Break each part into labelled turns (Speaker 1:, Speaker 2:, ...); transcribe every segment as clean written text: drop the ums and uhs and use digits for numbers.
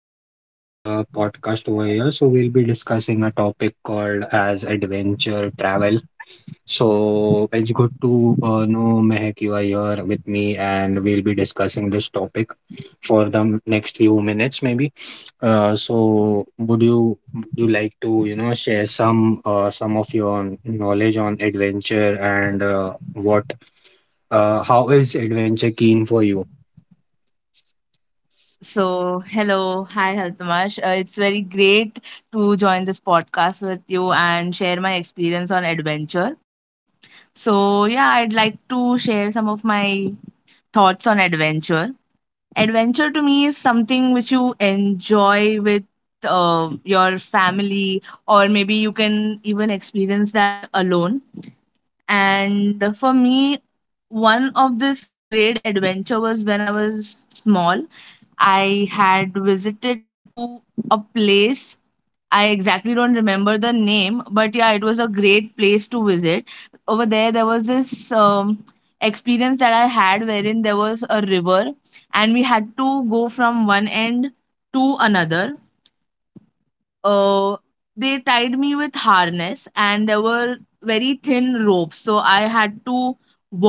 Speaker 1: Mehek on the podcast over here. So we'll be discussing a topic called as adventure travel. So it's good to know Mehek, you are here with me, and we'll be discussing this topic for the next few minutes, maybe. So would you like to, you know, share some of your knowledge on adventure and what how is adventure keen for you?
Speaker 2: So, hello, hi Haltamash. It's very great to join this podcast with you and share my experience on adventure. So, yeah, I'd like to share some of my thoughts on adventure. Adventure to me is something which you enjoy with your family, or maybe you can even experience that alone. And for me, one of this great adventure was when I was small. I had visited to a place. I exactly don't remember the name, but yeah, it was a great place to visit. Over there, there was this experience that I had wherein there was a river, and we had to go from one end to another. uh, they tied me with harness and there were very thin ropes, so I had to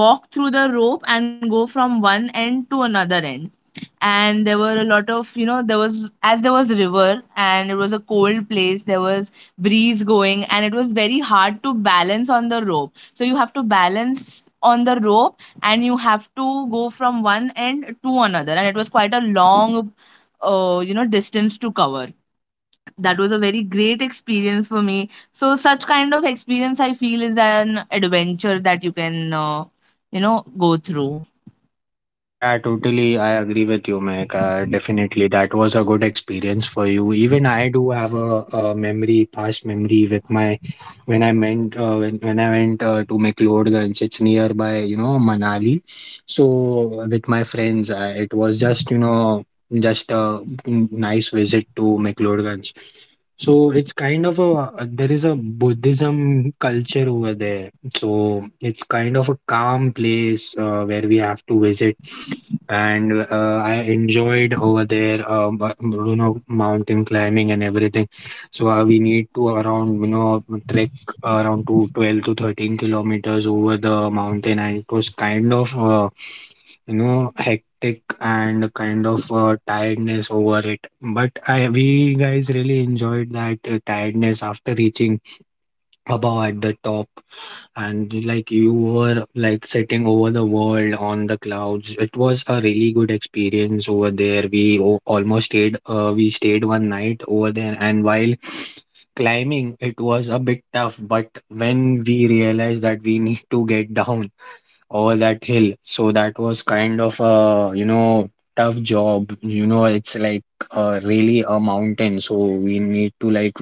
Speaker 2: walk through the rope and go from one end to another end. And there were a lot of, you know, there was, as there was river and it was a cold place, there was breeze going and it was very hard to balance on the rope. So you have to balance on the rope and you have to go from one end to another, and it was quite a long distance to cover. That was a very great experience for me. So such kind of experience I feel is an adventure that you can go through.
Speaker 1: Yeah, totally. I agree with you, Mac. Definitely, that was a good experience for you. Even I do have a memory, past memory with my when I went when I went to McLeodganj. It's nearby, you know, Manali. So with my friends, I, it was just you know just a nice visit to McLeodganj. So it's kind of a there is a Buddhism culture over there. So it's kind of a calm place where we have to visit. And I enjoyed over there, you know, mountain climbing and everything. So we need to around, you know, trek around to 12 to 13 kilometers over the mountain, and it was kind of you know hectic and kind of tiredness over it, but I we guys really enjoyed that tiredness after reaching above at the top, and like you were like sitting over the world on the clouds. It was a really good experience over there. We almost stayed we stayed one night over there, and while climbing it was a bit tough, but when we realized that we need to get down over that hill. So that was kind of a, you know, tough job. You know, it's like really a mountain. So we need to like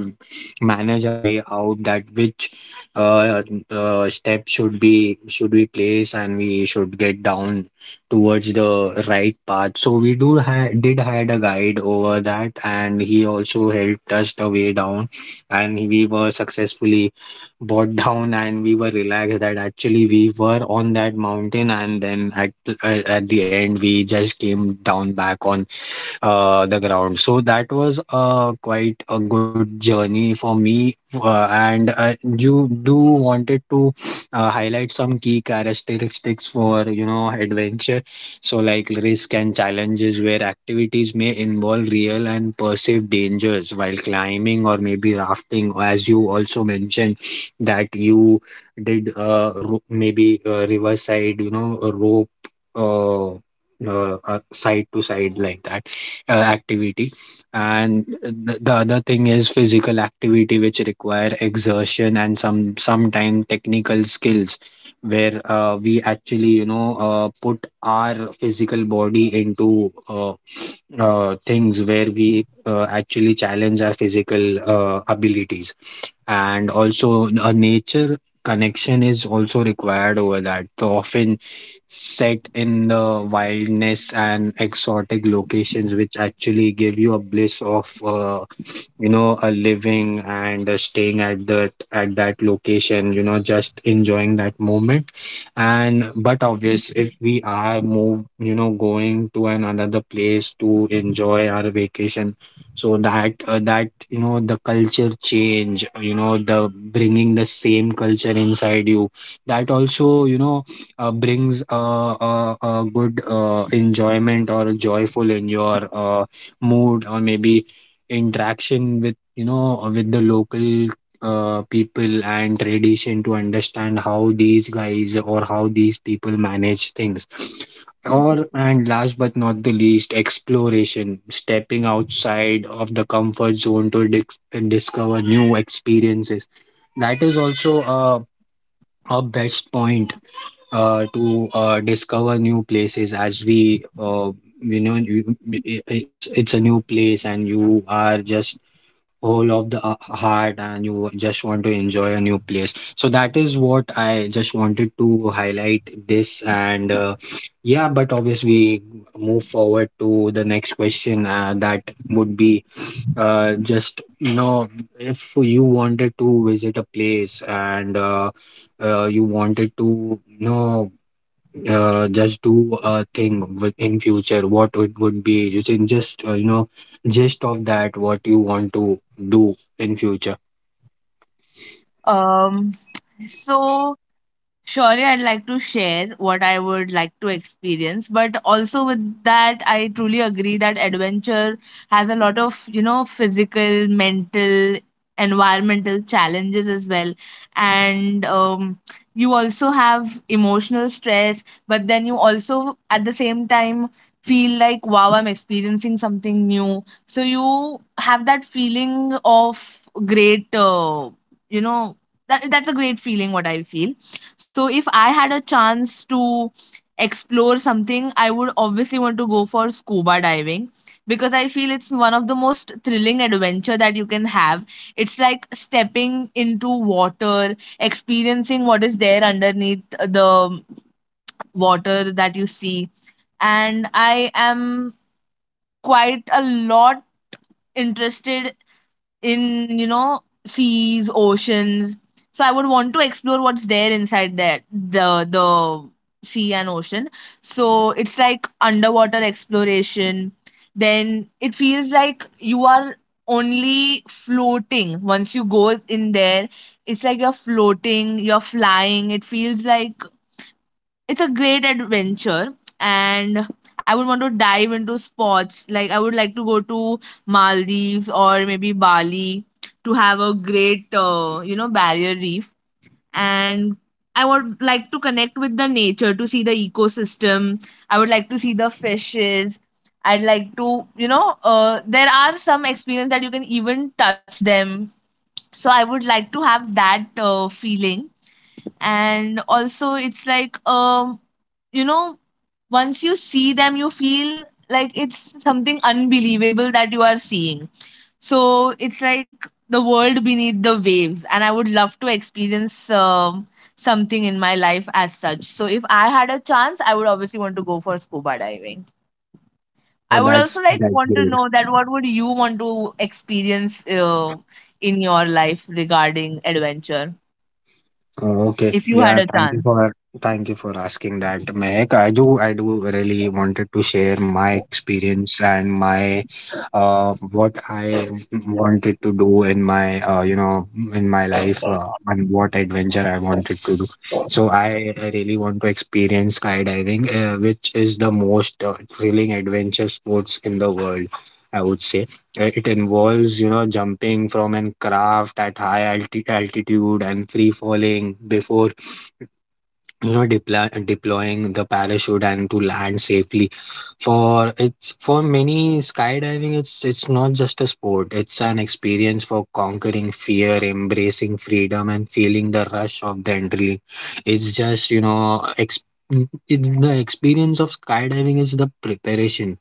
Speaker 1: manage our way out, that which uh, step should be should we place and we should get down towards the right path. So we do ha did had a guide over that, and he also helped us the way down, and we were successfully brought down, and we were relaxed that actually we were on that mountain, and then at the end we just came down back on the ground. So that was quite a good journey for me. And You do wanted to highlight some key characteristics for you know adventure. So like risk and challenges, where activities may involve real and perceived dangers while climbing or maybe rafting, as you also mentioned that you did ro- maybe riverside, you know, a rope uh, side to side like that activity. And the other thing is physical activity which require exertion and some sometime technical skills, where we actually you know put our physical body into things where we actually challenge our physical abilities. And also a nature connection is also required over that, so often set in the wildness and exotic locations, which actually give you a bliss of you know living and staying at that location, you know, just enjoying that moment. And but obvious, if we are move you know going to an another place to enjoy our vacation, so that that you know the culture change, you know, the bringing the same culture inside you, that also you know brings a good enjoyment or joyful in your mood, or maybe interaction with you know with the local people and tradition, to understand how these guys or how these people manage things. Or, and last but not the least, exploration, stepping outside of the comfort zone to discover new experiences. That is also a best point to discover new places, as we you know you, it's a new place and you are just whole of the heart, and you just want to enjoy a new place. So that is what I just wanted to highlight this. And yeah, but obviously move forward to the next question, that would be just you know, if you wanted to visit a place and you wanted to you know just do a thing with in future, what it would be. You can just you know gist of that what you want to do in future.
Speaker 2: um so Surely, I'd like to share what I would like to experience, but also with that, I truly agree that adventure has a lot of, you know, physical, mental, environmental challenges as well. And you also have emotional stress, but then you also, at the same time, feel like, wow, I'm experiencing something new. So you have that feeling of great, you know, that's a great feeling, what I feel. So if I had a chance to explore something, I would obviously want to go for scuba diving because I feel it's one of the most thrilling adventure that you can have. It's like stepping into water, experiencing what is there underneath the water that you see. And I am quite a lot interested in, you know, seas, oceans. So I would want to explore what's there inside, that the sea and ocean. So it's like underwater exploration. Then it feels like you are only floating. Once you go in there, it's like you're floating, you're flying, it feels like it's a great adventure. And I would want to dive into spots, like I would like to go to Maldives or maybe Bali to have a great, you know, barrier reef. And I would like to connect with the nature to see the ecosystem. I would like to see the fishes. I'd like to, you know, there are some experience that you can even touch them. So I would like to have that feeling. And also it's like, you know, once you see them, you feel like it's something unbelievable that you are seeing. So it's like the world beneath the waves, and I would love to experience something in my life as such. So if I had a chance, I would obviously want to go for scuba diving. I
Speaker 1: Oh,
Speaker 2: would also
Speaker 1: that's
Speaker 2: like
Speaker 1: that's
Speaker 2: want to know
Speaker 1: great.
Speaker 2: that what would you want to experience in your life regarding adventure
Speaker 1: Oh, okay.
Speaker 2: if you had
Speaker 1: Yeah,
Speaker 2: a
Speaker 1: thank
Speaker 2: chance.
Speaker 1: you for thank you for asking that, Mehak. I do really wanted to share my experience and my what I wanted to do in my you know in my life and what adventure I wanted to do. So I really want to experience skydiving, which is the most thrilling adventure sports in the world, I would say. It involves you know jumping from an craft at high altitude and free falling before you know deploying the parachute and to land safely. For it's for many skydiving, it's not just a sport, it's an experience for conquering fear, embracing freedom, and feeling the rush of the adrenaline. It's just you know it's the experience of skydiving is the preparation,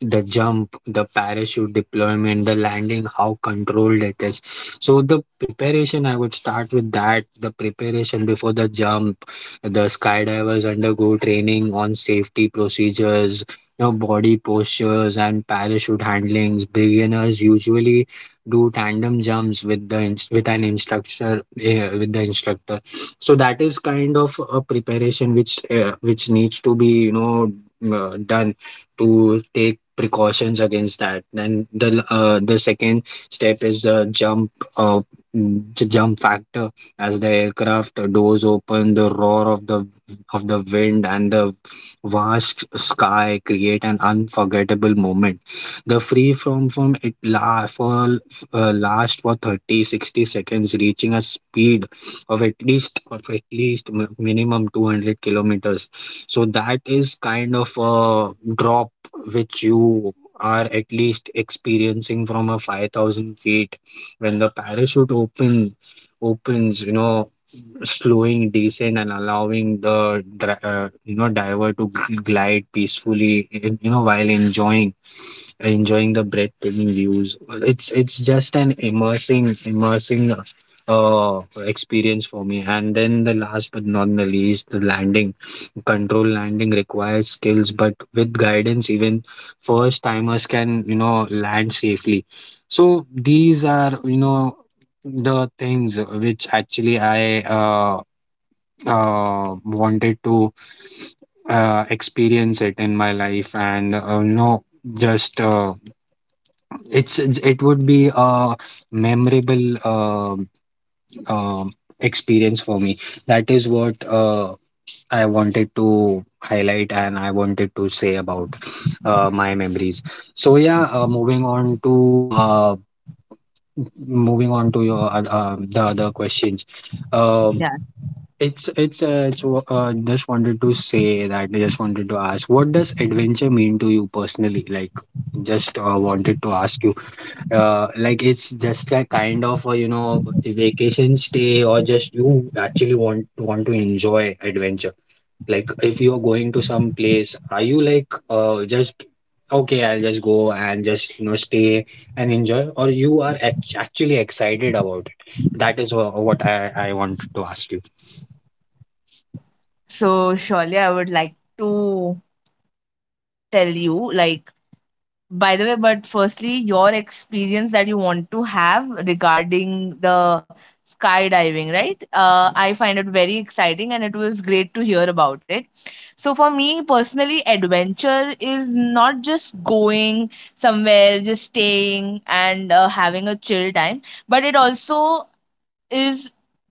Speaker 1: the jump, the parachute deployment, the landing, how controlled it is. So the preparation, I would start with that. The preparation before the jump, the skydivers undergo training on safety procedures, you know, body postures, and parachute handlings. Beginners usually do tandem jumps with with an instructor with the instructor. So that is kind of a preparation which needs to be you know done, to take precautions against that. Then the second step is the jump the jump factor. As the aircraft doors open, the roar of the wind and the vast sky create an unforgettable moment. The free from it la for last for 30 to 60 seconds, reaching a speed of at least mi- minimum 200 kilometers. So that is kind of a drop which you are at least experiencing from a 5,000 feet. When the parachute opens, you know, slowing descent and allowing the you know diver to glide peacefully, you know, while enjoying the breathtaking views. It's just an immersing experience for me. And then the last but not the least, the landing. Control landing requires skills, but with guidance, even first timers can you know land safely. So these are you know the things which actually I wanted to experience it in my life. And you know just it would be a memorable um experience for me. That is what I wanted to highlight and I wanted to say about my memories. So yeah, moving on to your the other questions. Um,
Speaker 2: Yeah,
Speaker 1: just wanted to say that I just wanted to ask, what does adventure mean to you personally? Like, just wanted to ask you like it's just a kind of a, you know, a vacation stay, or just you actually want to enjoy adventure. Like if you're going to some place, are you like just okay I'll just go and just you know stay and enjoy, or you are actually excited about it. That is what I want to ask you.
Speaker 2: so surely I would like to tell you, like, by the way, but firstly, your experience that you want to have regarding the skydiving, right? I find it very exciting and it was great to hear about it. So for me personally, adventure is not just going somewhere, just staying and having a chill time, but it also is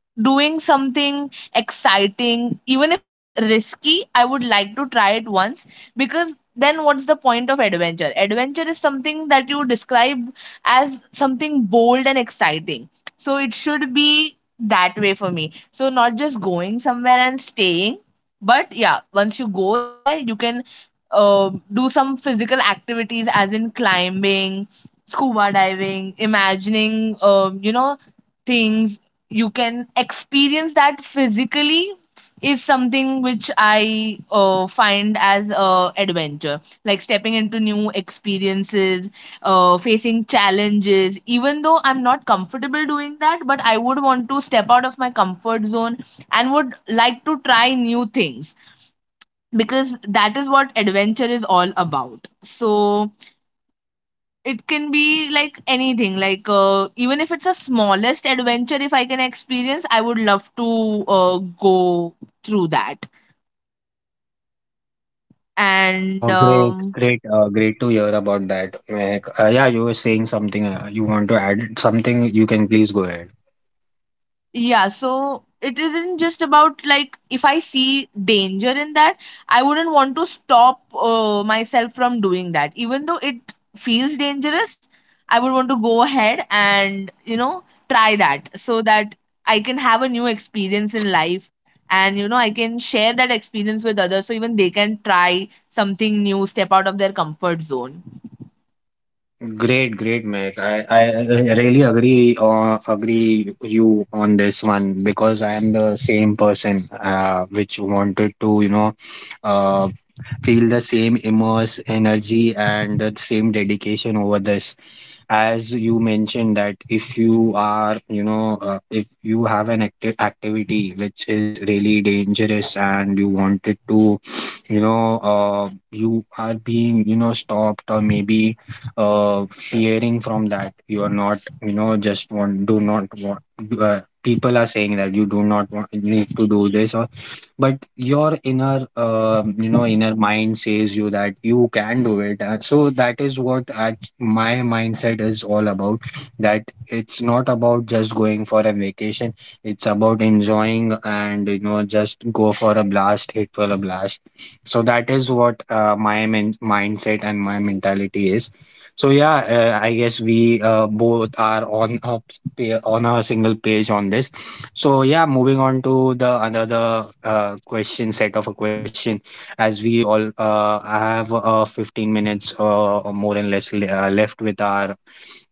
Speaker 2: doing something exciting. Even if it's risky, I would like to try it once, because then what's the point of adventure? Adventure is something that you describe as something bold and exciting. So it should be that way for me. So not just going somewhere and staying, but yeah, once you go there, you can do some physical activities, as in climbing, scuba diving, imagining, you know, things you can experience that physically is something which I find as adventure, like stepping into new experiences, facing challenges even though I'm not comfortable doing that, but I would want to step out of my comfort zone and would like to try new things because that is what adventure is all about. So it can be like anything, like even if it's a smallest adventure, if I can experience I would love to go through that. And
Speaker 1: Oh, great, great to hear about that. Like, yeah, you were saying something, you want to add something you can please go ahead.
Speaker 2: Yeah, so it isn't just about, like, if I see danger in that, I wouldn't want to stop myself from doing that. Even though it feels dangerous, I would want to go ahead and, you know, try that so that I can have a new experience in life and, you know, I can share that experience with others so even they can try something new, step out of their comfort zone.
Speaker 1: Great, great, Meg. I really agree agree you on this one because I am the same person which wanted to, uh, feel the same immense energy and the same dedication over this, as you mentioned, that if you are, if you have an active activity which is really dangerous and you wanted to, you are being, you know, stopped or maybe fearing from that, you are not, you know, just want do not want, people are saying that you do not want need to do this or, but your inner inner mind says you that you can do it. So that is what I my mindset is all about. That it's not about just going for a vacation, it's about enjoying and, you know, just go for a blast, hit for a blast. So that is what my mindset and my mentality is. So yeah, I guess we both are on a on a single page on this. So yeah, moving on to the another question set of a question. As we all have 15 minutes or more and less left with our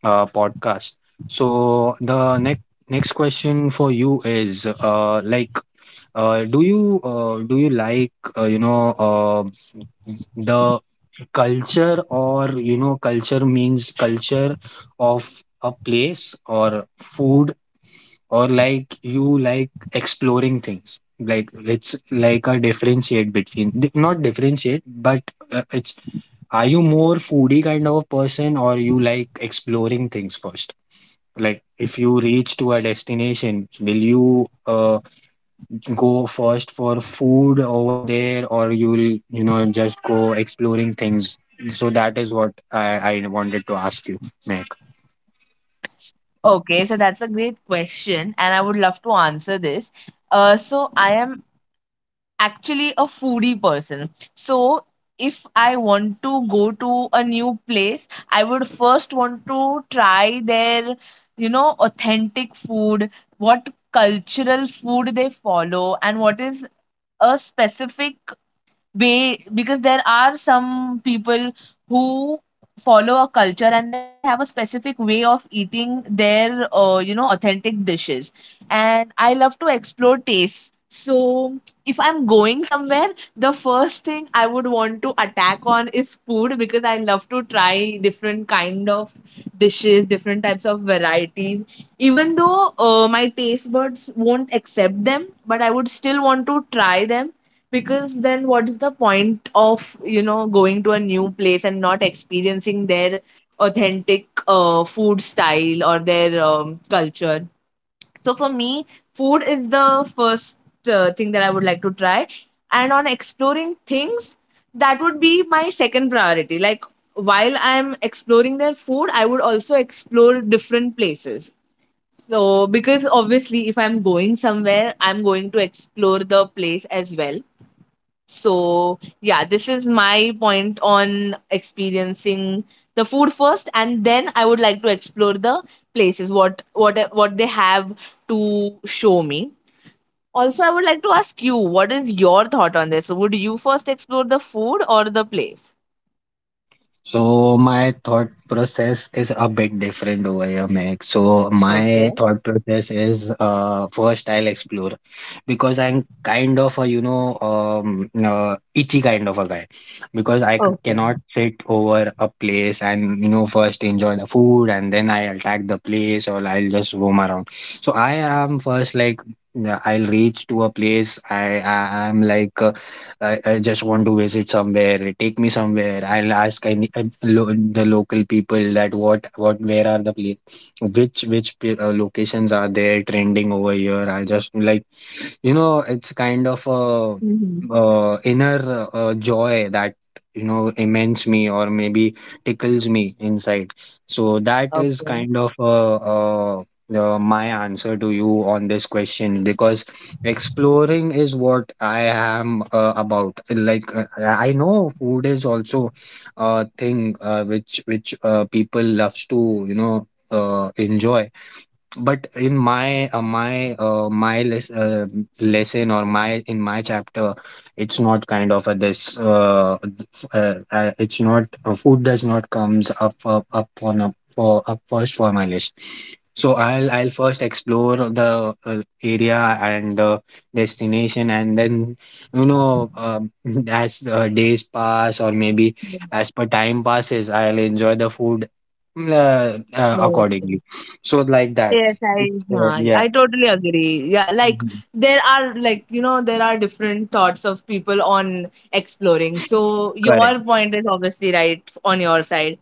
Speaker 1: podcast. So the next next question for you is like, do you like the culture, or, you know, culture means culture of a place or food, or like, you like exploring things, like it's like a differentiate between not differentiate but it's, are you more foodie kind of a person or you like exploring things first? Like if you reach to a destination, will you go first for food over there, or you'll, you know, just go exploring things? So that is what I wanted to ask you, Mac.
Speaker 2: Okay, so that's a great question, and I would love to answer this. So I am actually a foodie person. So if I want to go to a new place, I would first want to try their, you know, authentic food, what cultural food they follow, and what is a specific way, because there are some people who follow a culture and they have a specific way of eating their, you know, authentic dishes. And I love to explore tastes. So if I'm going somewhere, the first thing I would want to attack on is food, because I love to try different kind of dishes, different types of varieties. Even though my taste buds won't accept them, but I would still want to try them, because then what is the point of, you know, going to a new place and not experiencing their authentic food style or their, culture? So for me, food is the first thing that I would like to try. And on exploring things, that would be my second priority. Like, while I'm exploring their food, I would also explore different places. So, because obviously, if I'm going somewhere, I'm going to explore the place as well. So, yeah, this is my point on experiencing the food first, and then I would like to explore the places, what they have to show me. Also, I would like to ask you, what is your thought on this? Would you first explore the food or the place?
Speaker 1: So my thought process is a bit different over here, Meg. So my
Speaker 2: Okay.
Speaker 1: thought process is, uh, first I'll explore, because I'm kind of a, you know, itchy kind of a guy, because I
Speaker 2: Okay.
Speaker 1: cannot sit over a place and, you know, first enjoy the food and then I attack the place, or I'll just roam around. So I am first like, yeah, I'll reach to a place. I am like, I just want to visit somewhere. Take me somewhere. I'll ask any the local people that what where are the place, which which locations are there trending over here. I just like, you know, it's kind of a
Speaker 2: Mhm.
Speaker 1: uh, inner joy that, you know, immense me or maybe tickles me inside. So that is
Speaker 2: Okay.
Speaker 1: kind of my answer to you on this question. Because exploring is what I am about. Like I know food is also a thing which people loves to, you know, enjoy. But in my lesson, or my in my chapter, it's not kind of a this it's not, food does not comes up first for my list. So I'll first explore the area and the destination, and then, you know um, as the days pass, or maybe as per time passes, I'll enjoy the food
Speaker 2: Okay.
Speaker 1: accordingly. So like that.
Speaker 2: Yes, I
Speaker 1: It's, yeah,
Speaker 2: I totally agree. Yeah, like
Speaker 1: Mhm.
Speaker 2: there are, like, you know, there are different thoughts of people on exploring. So
Speaker 1: Correct.
Speaker 2: your point is obviously right on your side.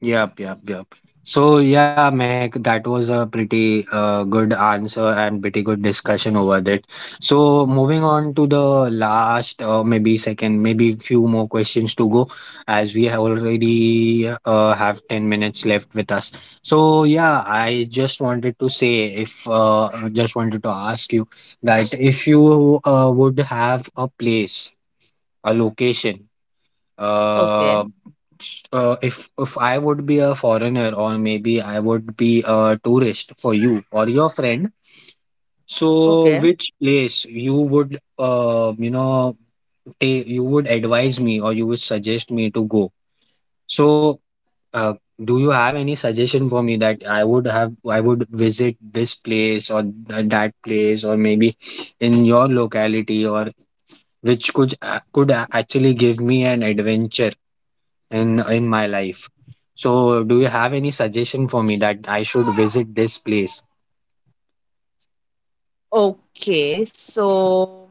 Speaker 1: Yep, yep, yep. So yeah, Mehak, that was a pretty good answer and pretty good discussion over that. So moving on to the last, maybe second, maybe few more questions to go, as we have already have 10 minutes left with us. So yeah, I just wanted to say, if I just wanted to ask you that if you would have a place, a location,
Speaker 2: Okay,
Speaker 1: uh, if I would be a foreigner, or maybe I would be a tourist for you or your friend, so
Speaker 2: okay,
Speaker 1: which place you would you know, take you would advise me or you would suggest me to go. So uh, do you have any suggestion for me that I would have I would visit this place or that place, or maybe in your locality, or which could actually give me an adventure? In my life. So, do you have any suggestion for me that I should visit this place?
Speaker 2: okay. So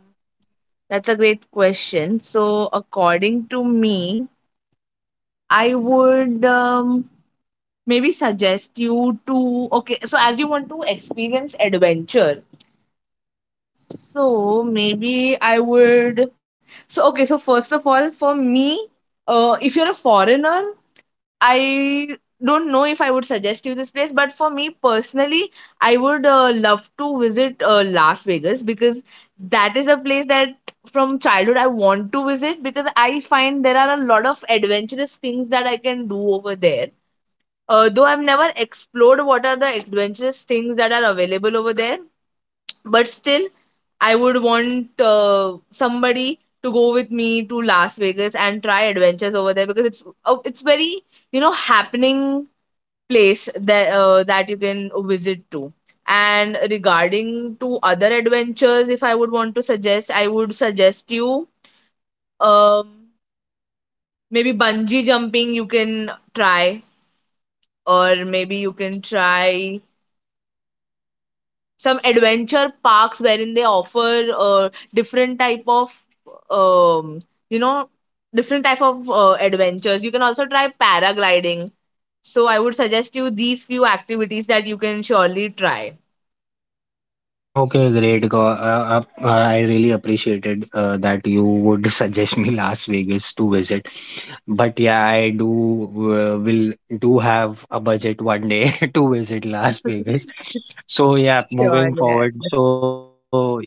Speaker 2: that's a great question. So according to me, I would, maybe suggest you to okay. So as you want to experience adventure, so maybe I would. So okay, so first of all, for me, if you're a foreigner, I don't know if I would suggest you this place, but for me personally, I would love to visit Las Vegas because that is a place that from childhood I want to visit, because I find there are a lot of adventurous things that I can do over there. Though I've never explored what are the adventurous things that are available over there, but still I would want somebody to go with me to Las Vegas and try adventures over there, because it's, it's very, you know, happening place that that you can visit to. And regarding to other adventures, if I would want to suggest, I would suggest you, um maybe bungee jumping you can try, or maybe you can try some adventure parks wherein they offer, different type of, um, you know, different type of adventures. You can also try paragliding. So I would suggest you these few activities that you can surely try.
Speaker 1: Okay, great. I really appreciated that you would suggest me Las Vegas to visit. But yeah, I do will do have a budget one day to visit Las Vegas. So yeah,
Speaker 2: Sure,
Speaker 1: moving
Speaker 2: yeah.
Speaker 1: forward. So,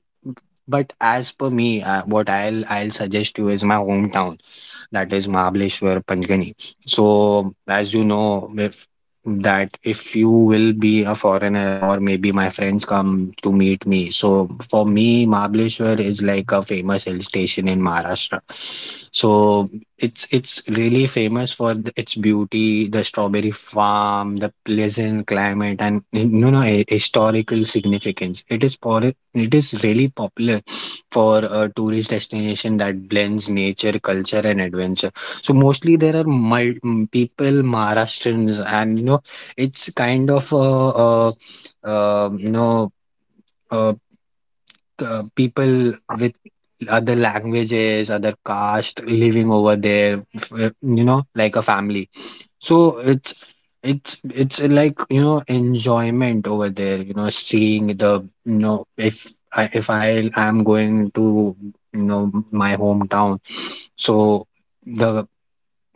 Speaker 1: but as per me, what I'll suggest you is my hometown. That is Mahabaleshwar Panchgani. So, as you know, that if you will be a foreigner, or maybe my friends come to meet me. So for me, Mahabaleshwar is like a famous hill station in Maharashtra. So it's really famous for its beauty, the strawberry farm, the pleasant climate, and, you know, a, historical significance. It is really popular for a tourist destination that blends nature, culture, and adventure. So mostly there are people Maharashtrians, and, you know, it's kind of um you know uh, people with other languages, other caste living over there, you know, like a family. So it's like, you know, enjoyment over there. You know, seeing the, you know, if I am going to, you know, my hometown, so the,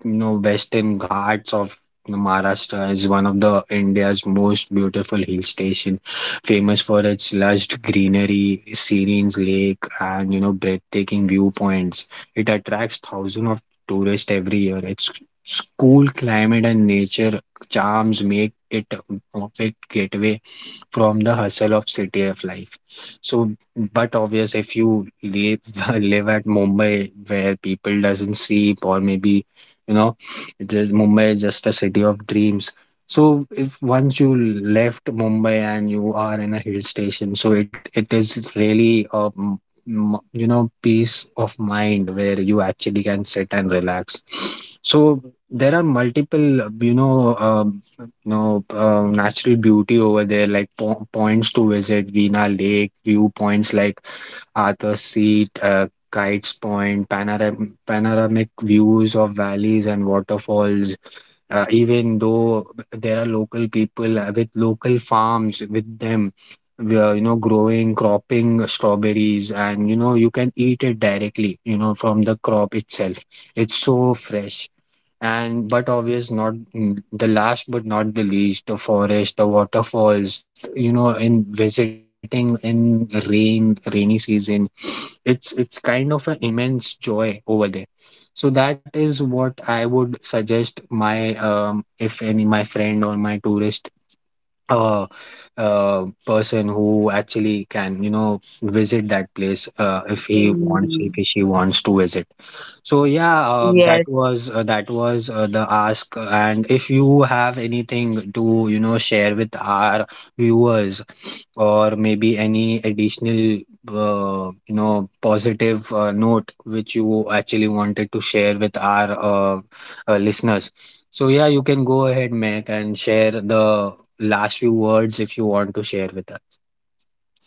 Speaker 1: you know, western ghats of Maharashtra is one of the India's most beautiful hill station, famous for its lush greenery, serene lake, and, you know, breathtaking viewpoints. It attracts thousands of tourists every year. Its cool climate and nature charms make it a perfect gateway from the hustle of city of life. So, but obvious, if you live live at Mumbai, where people doesn't sleep, or maybe, you know, it is Mumbai is just a city of dreams. So if once you left Mumbai and you are in a hill station, so it is really a you know, peace of mind where you actually can sit and relax. So there are multiple, you know, no, natural beauty over there, like po points to visit, Veena Lake, viewpoints like Arthur's Seat, Kites Point, panoramic views of valleys and waterfalls. Even though there are local people with local farms with them, we are, you know, growing, cropping strawberries, and, you know, you can eat it directly, you know, from the crop itself. It's so fresh. And but obvious not, the last but not the least, the forest, the waterfalls, you know, in visiting in rain rainy season, it's kind of an immense joy over there. So that is what I would suggest my, um, if any my friend or my tourist, a, a person who actually can, you know, visit that place, if he
Speaker 2: Mm,
Speaker 1: wants, if she wants to visit. So yeah,
Speaker 2: yes.
Speaker 1: that was the ask. And if you have anything to, you know, share with our viewers, or maybe any additional you know, positive note which you actually wanted to share with our uh, listeners, so yeah, you can go ahead, Mac, and share the last few words if you want to share with us.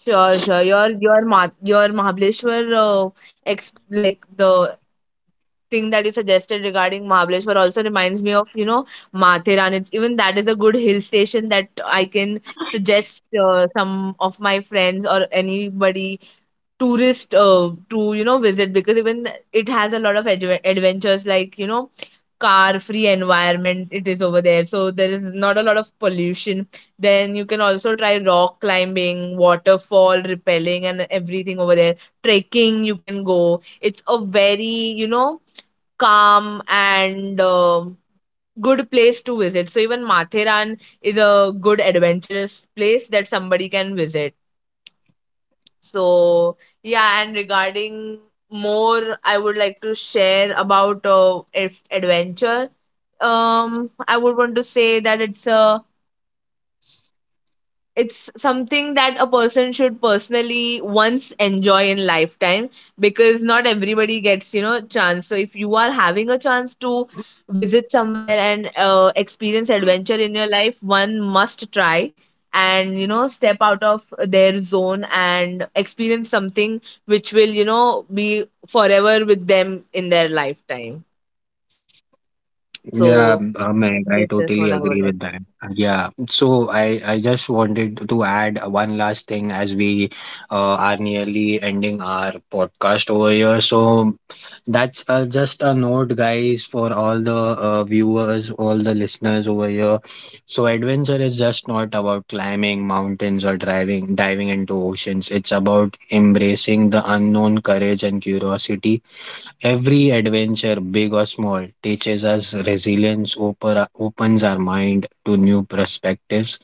Speaker 2: Sure. Your your Mahabaleshwar, ex- like the thing that you suggested regarding Mahabaleshwar also reminds me of, you know, Mathiran. It's even that is a good hill station that I can suggest some of my friends or anybody tourist to, you know, visit because even it has a lot of adventures, like, you know, car free environment it is over there, so there is not a lot of pollution. Then you can also try rock climbing, waterfall rappelling, and everything over there. Trekking you can go. It's a very, you know, calm and good place to visit. So even Matheran is a good adventurous place that somebody can visit. So yeah, and regarding more, I would like to share about, if adventure. I would want to say that it's a, it's something that a person should personally once enjoy in lifetime, because not everybody gets, you know, chance. So if you are having a chance to visit somewhere and experience adventure in your life, one must try and, you know, step out of their zone and experience something which will, you know, be forever with them in their lifetime.
Speaker 1: Yeah,
Speaker 2: So
Speaker 1: Meg, I
Speaker 2: this is
Speaker 1: totally
Speaker 2: what I
Speaker 1: agree
Speaker 2: would like.
Speaker 1: with that. Yeah, so I just wanted to add one last thing. As we are nearly ending our podcast over here. So that's just a note, guys, for all the viewers, all the listeners over here. So adventure is just not about climbing mountains or driving diving into oceans. It's about embracing the unknown, courage, and curiosity. Every adventure, big or small, teaches us resilience, opens our mind to new perspectives,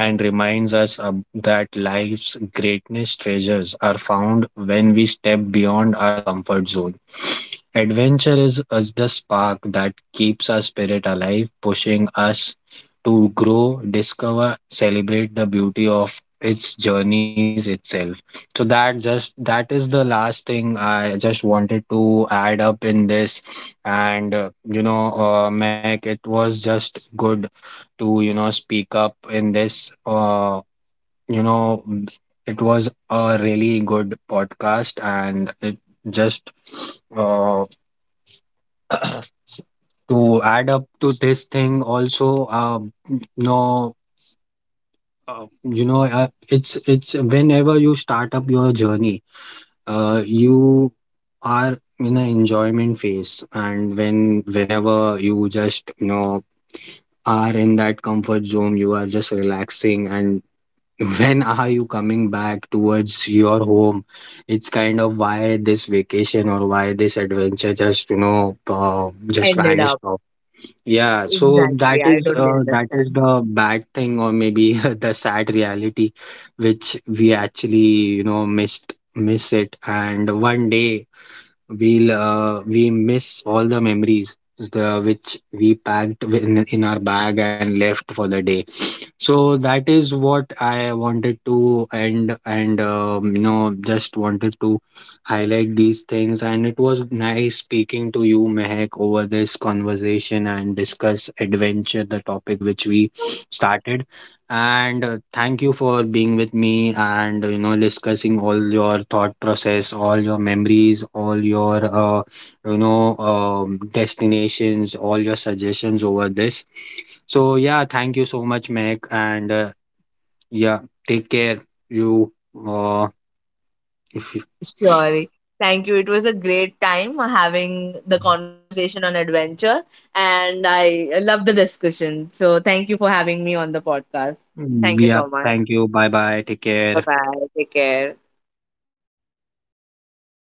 Speaker 1: and reminds us of that life's greatness treasures are found when we step beyond our comfort zone. Adventure is the spark that keeps our spirit alive, pushing us to grow, discover, celebrate the beauty of its journeys itself. So that just that is the last thing I just wanted to add up in this. And Mac, it was just good to, you know, speak up in this. You know, it was a really good podcast. And it just uh, to add up to this thing also, no you know, it's whenever you start up your journey, you are in an enjoyment phase. And whenever you just, you know, are in that comfort zone, you are just relaxing. And when are you coming back towards your home, it's kind of, why this vacation, or why this adventure just, you know, just
Speaker 2: Ended
Speaker 1: vanished
Speaker 2: up.
Speaker 1: off. Yeah, so that
Speaker 2: Exactly, I
Speaker 1: is
Speaker 2: totally understand.
Speaker 1: the bad thing, or maybe the sad reality, which we actually, you know, miss it. And one day we'll we miss all the memories the, which we packed in our bag and left for the day. So that is what I wanted to end. And, you know, just wanted to highlight these things. And it was nice speaking to you, Mehak, over this conversation, and discuss adventure, the topic which we started. And thank you for being with me, and, you know, discussing all your thought process, all your memories, all your destinations, all your suggestions over this. So yeah, thank you so much, Mac. And yeah, take care. You uh, if you,
Speaker 2: Sure. Thank you. It was a great time having the conversation on adventure, and I love the discussion. So, thank you for having me on the podcast. Thank you
Speaker 1: Yeah,
Speaker 2: so much.
Speaker 1: thank you. Bye bye. Take care.
Speaker 2: Bye bye. Take care.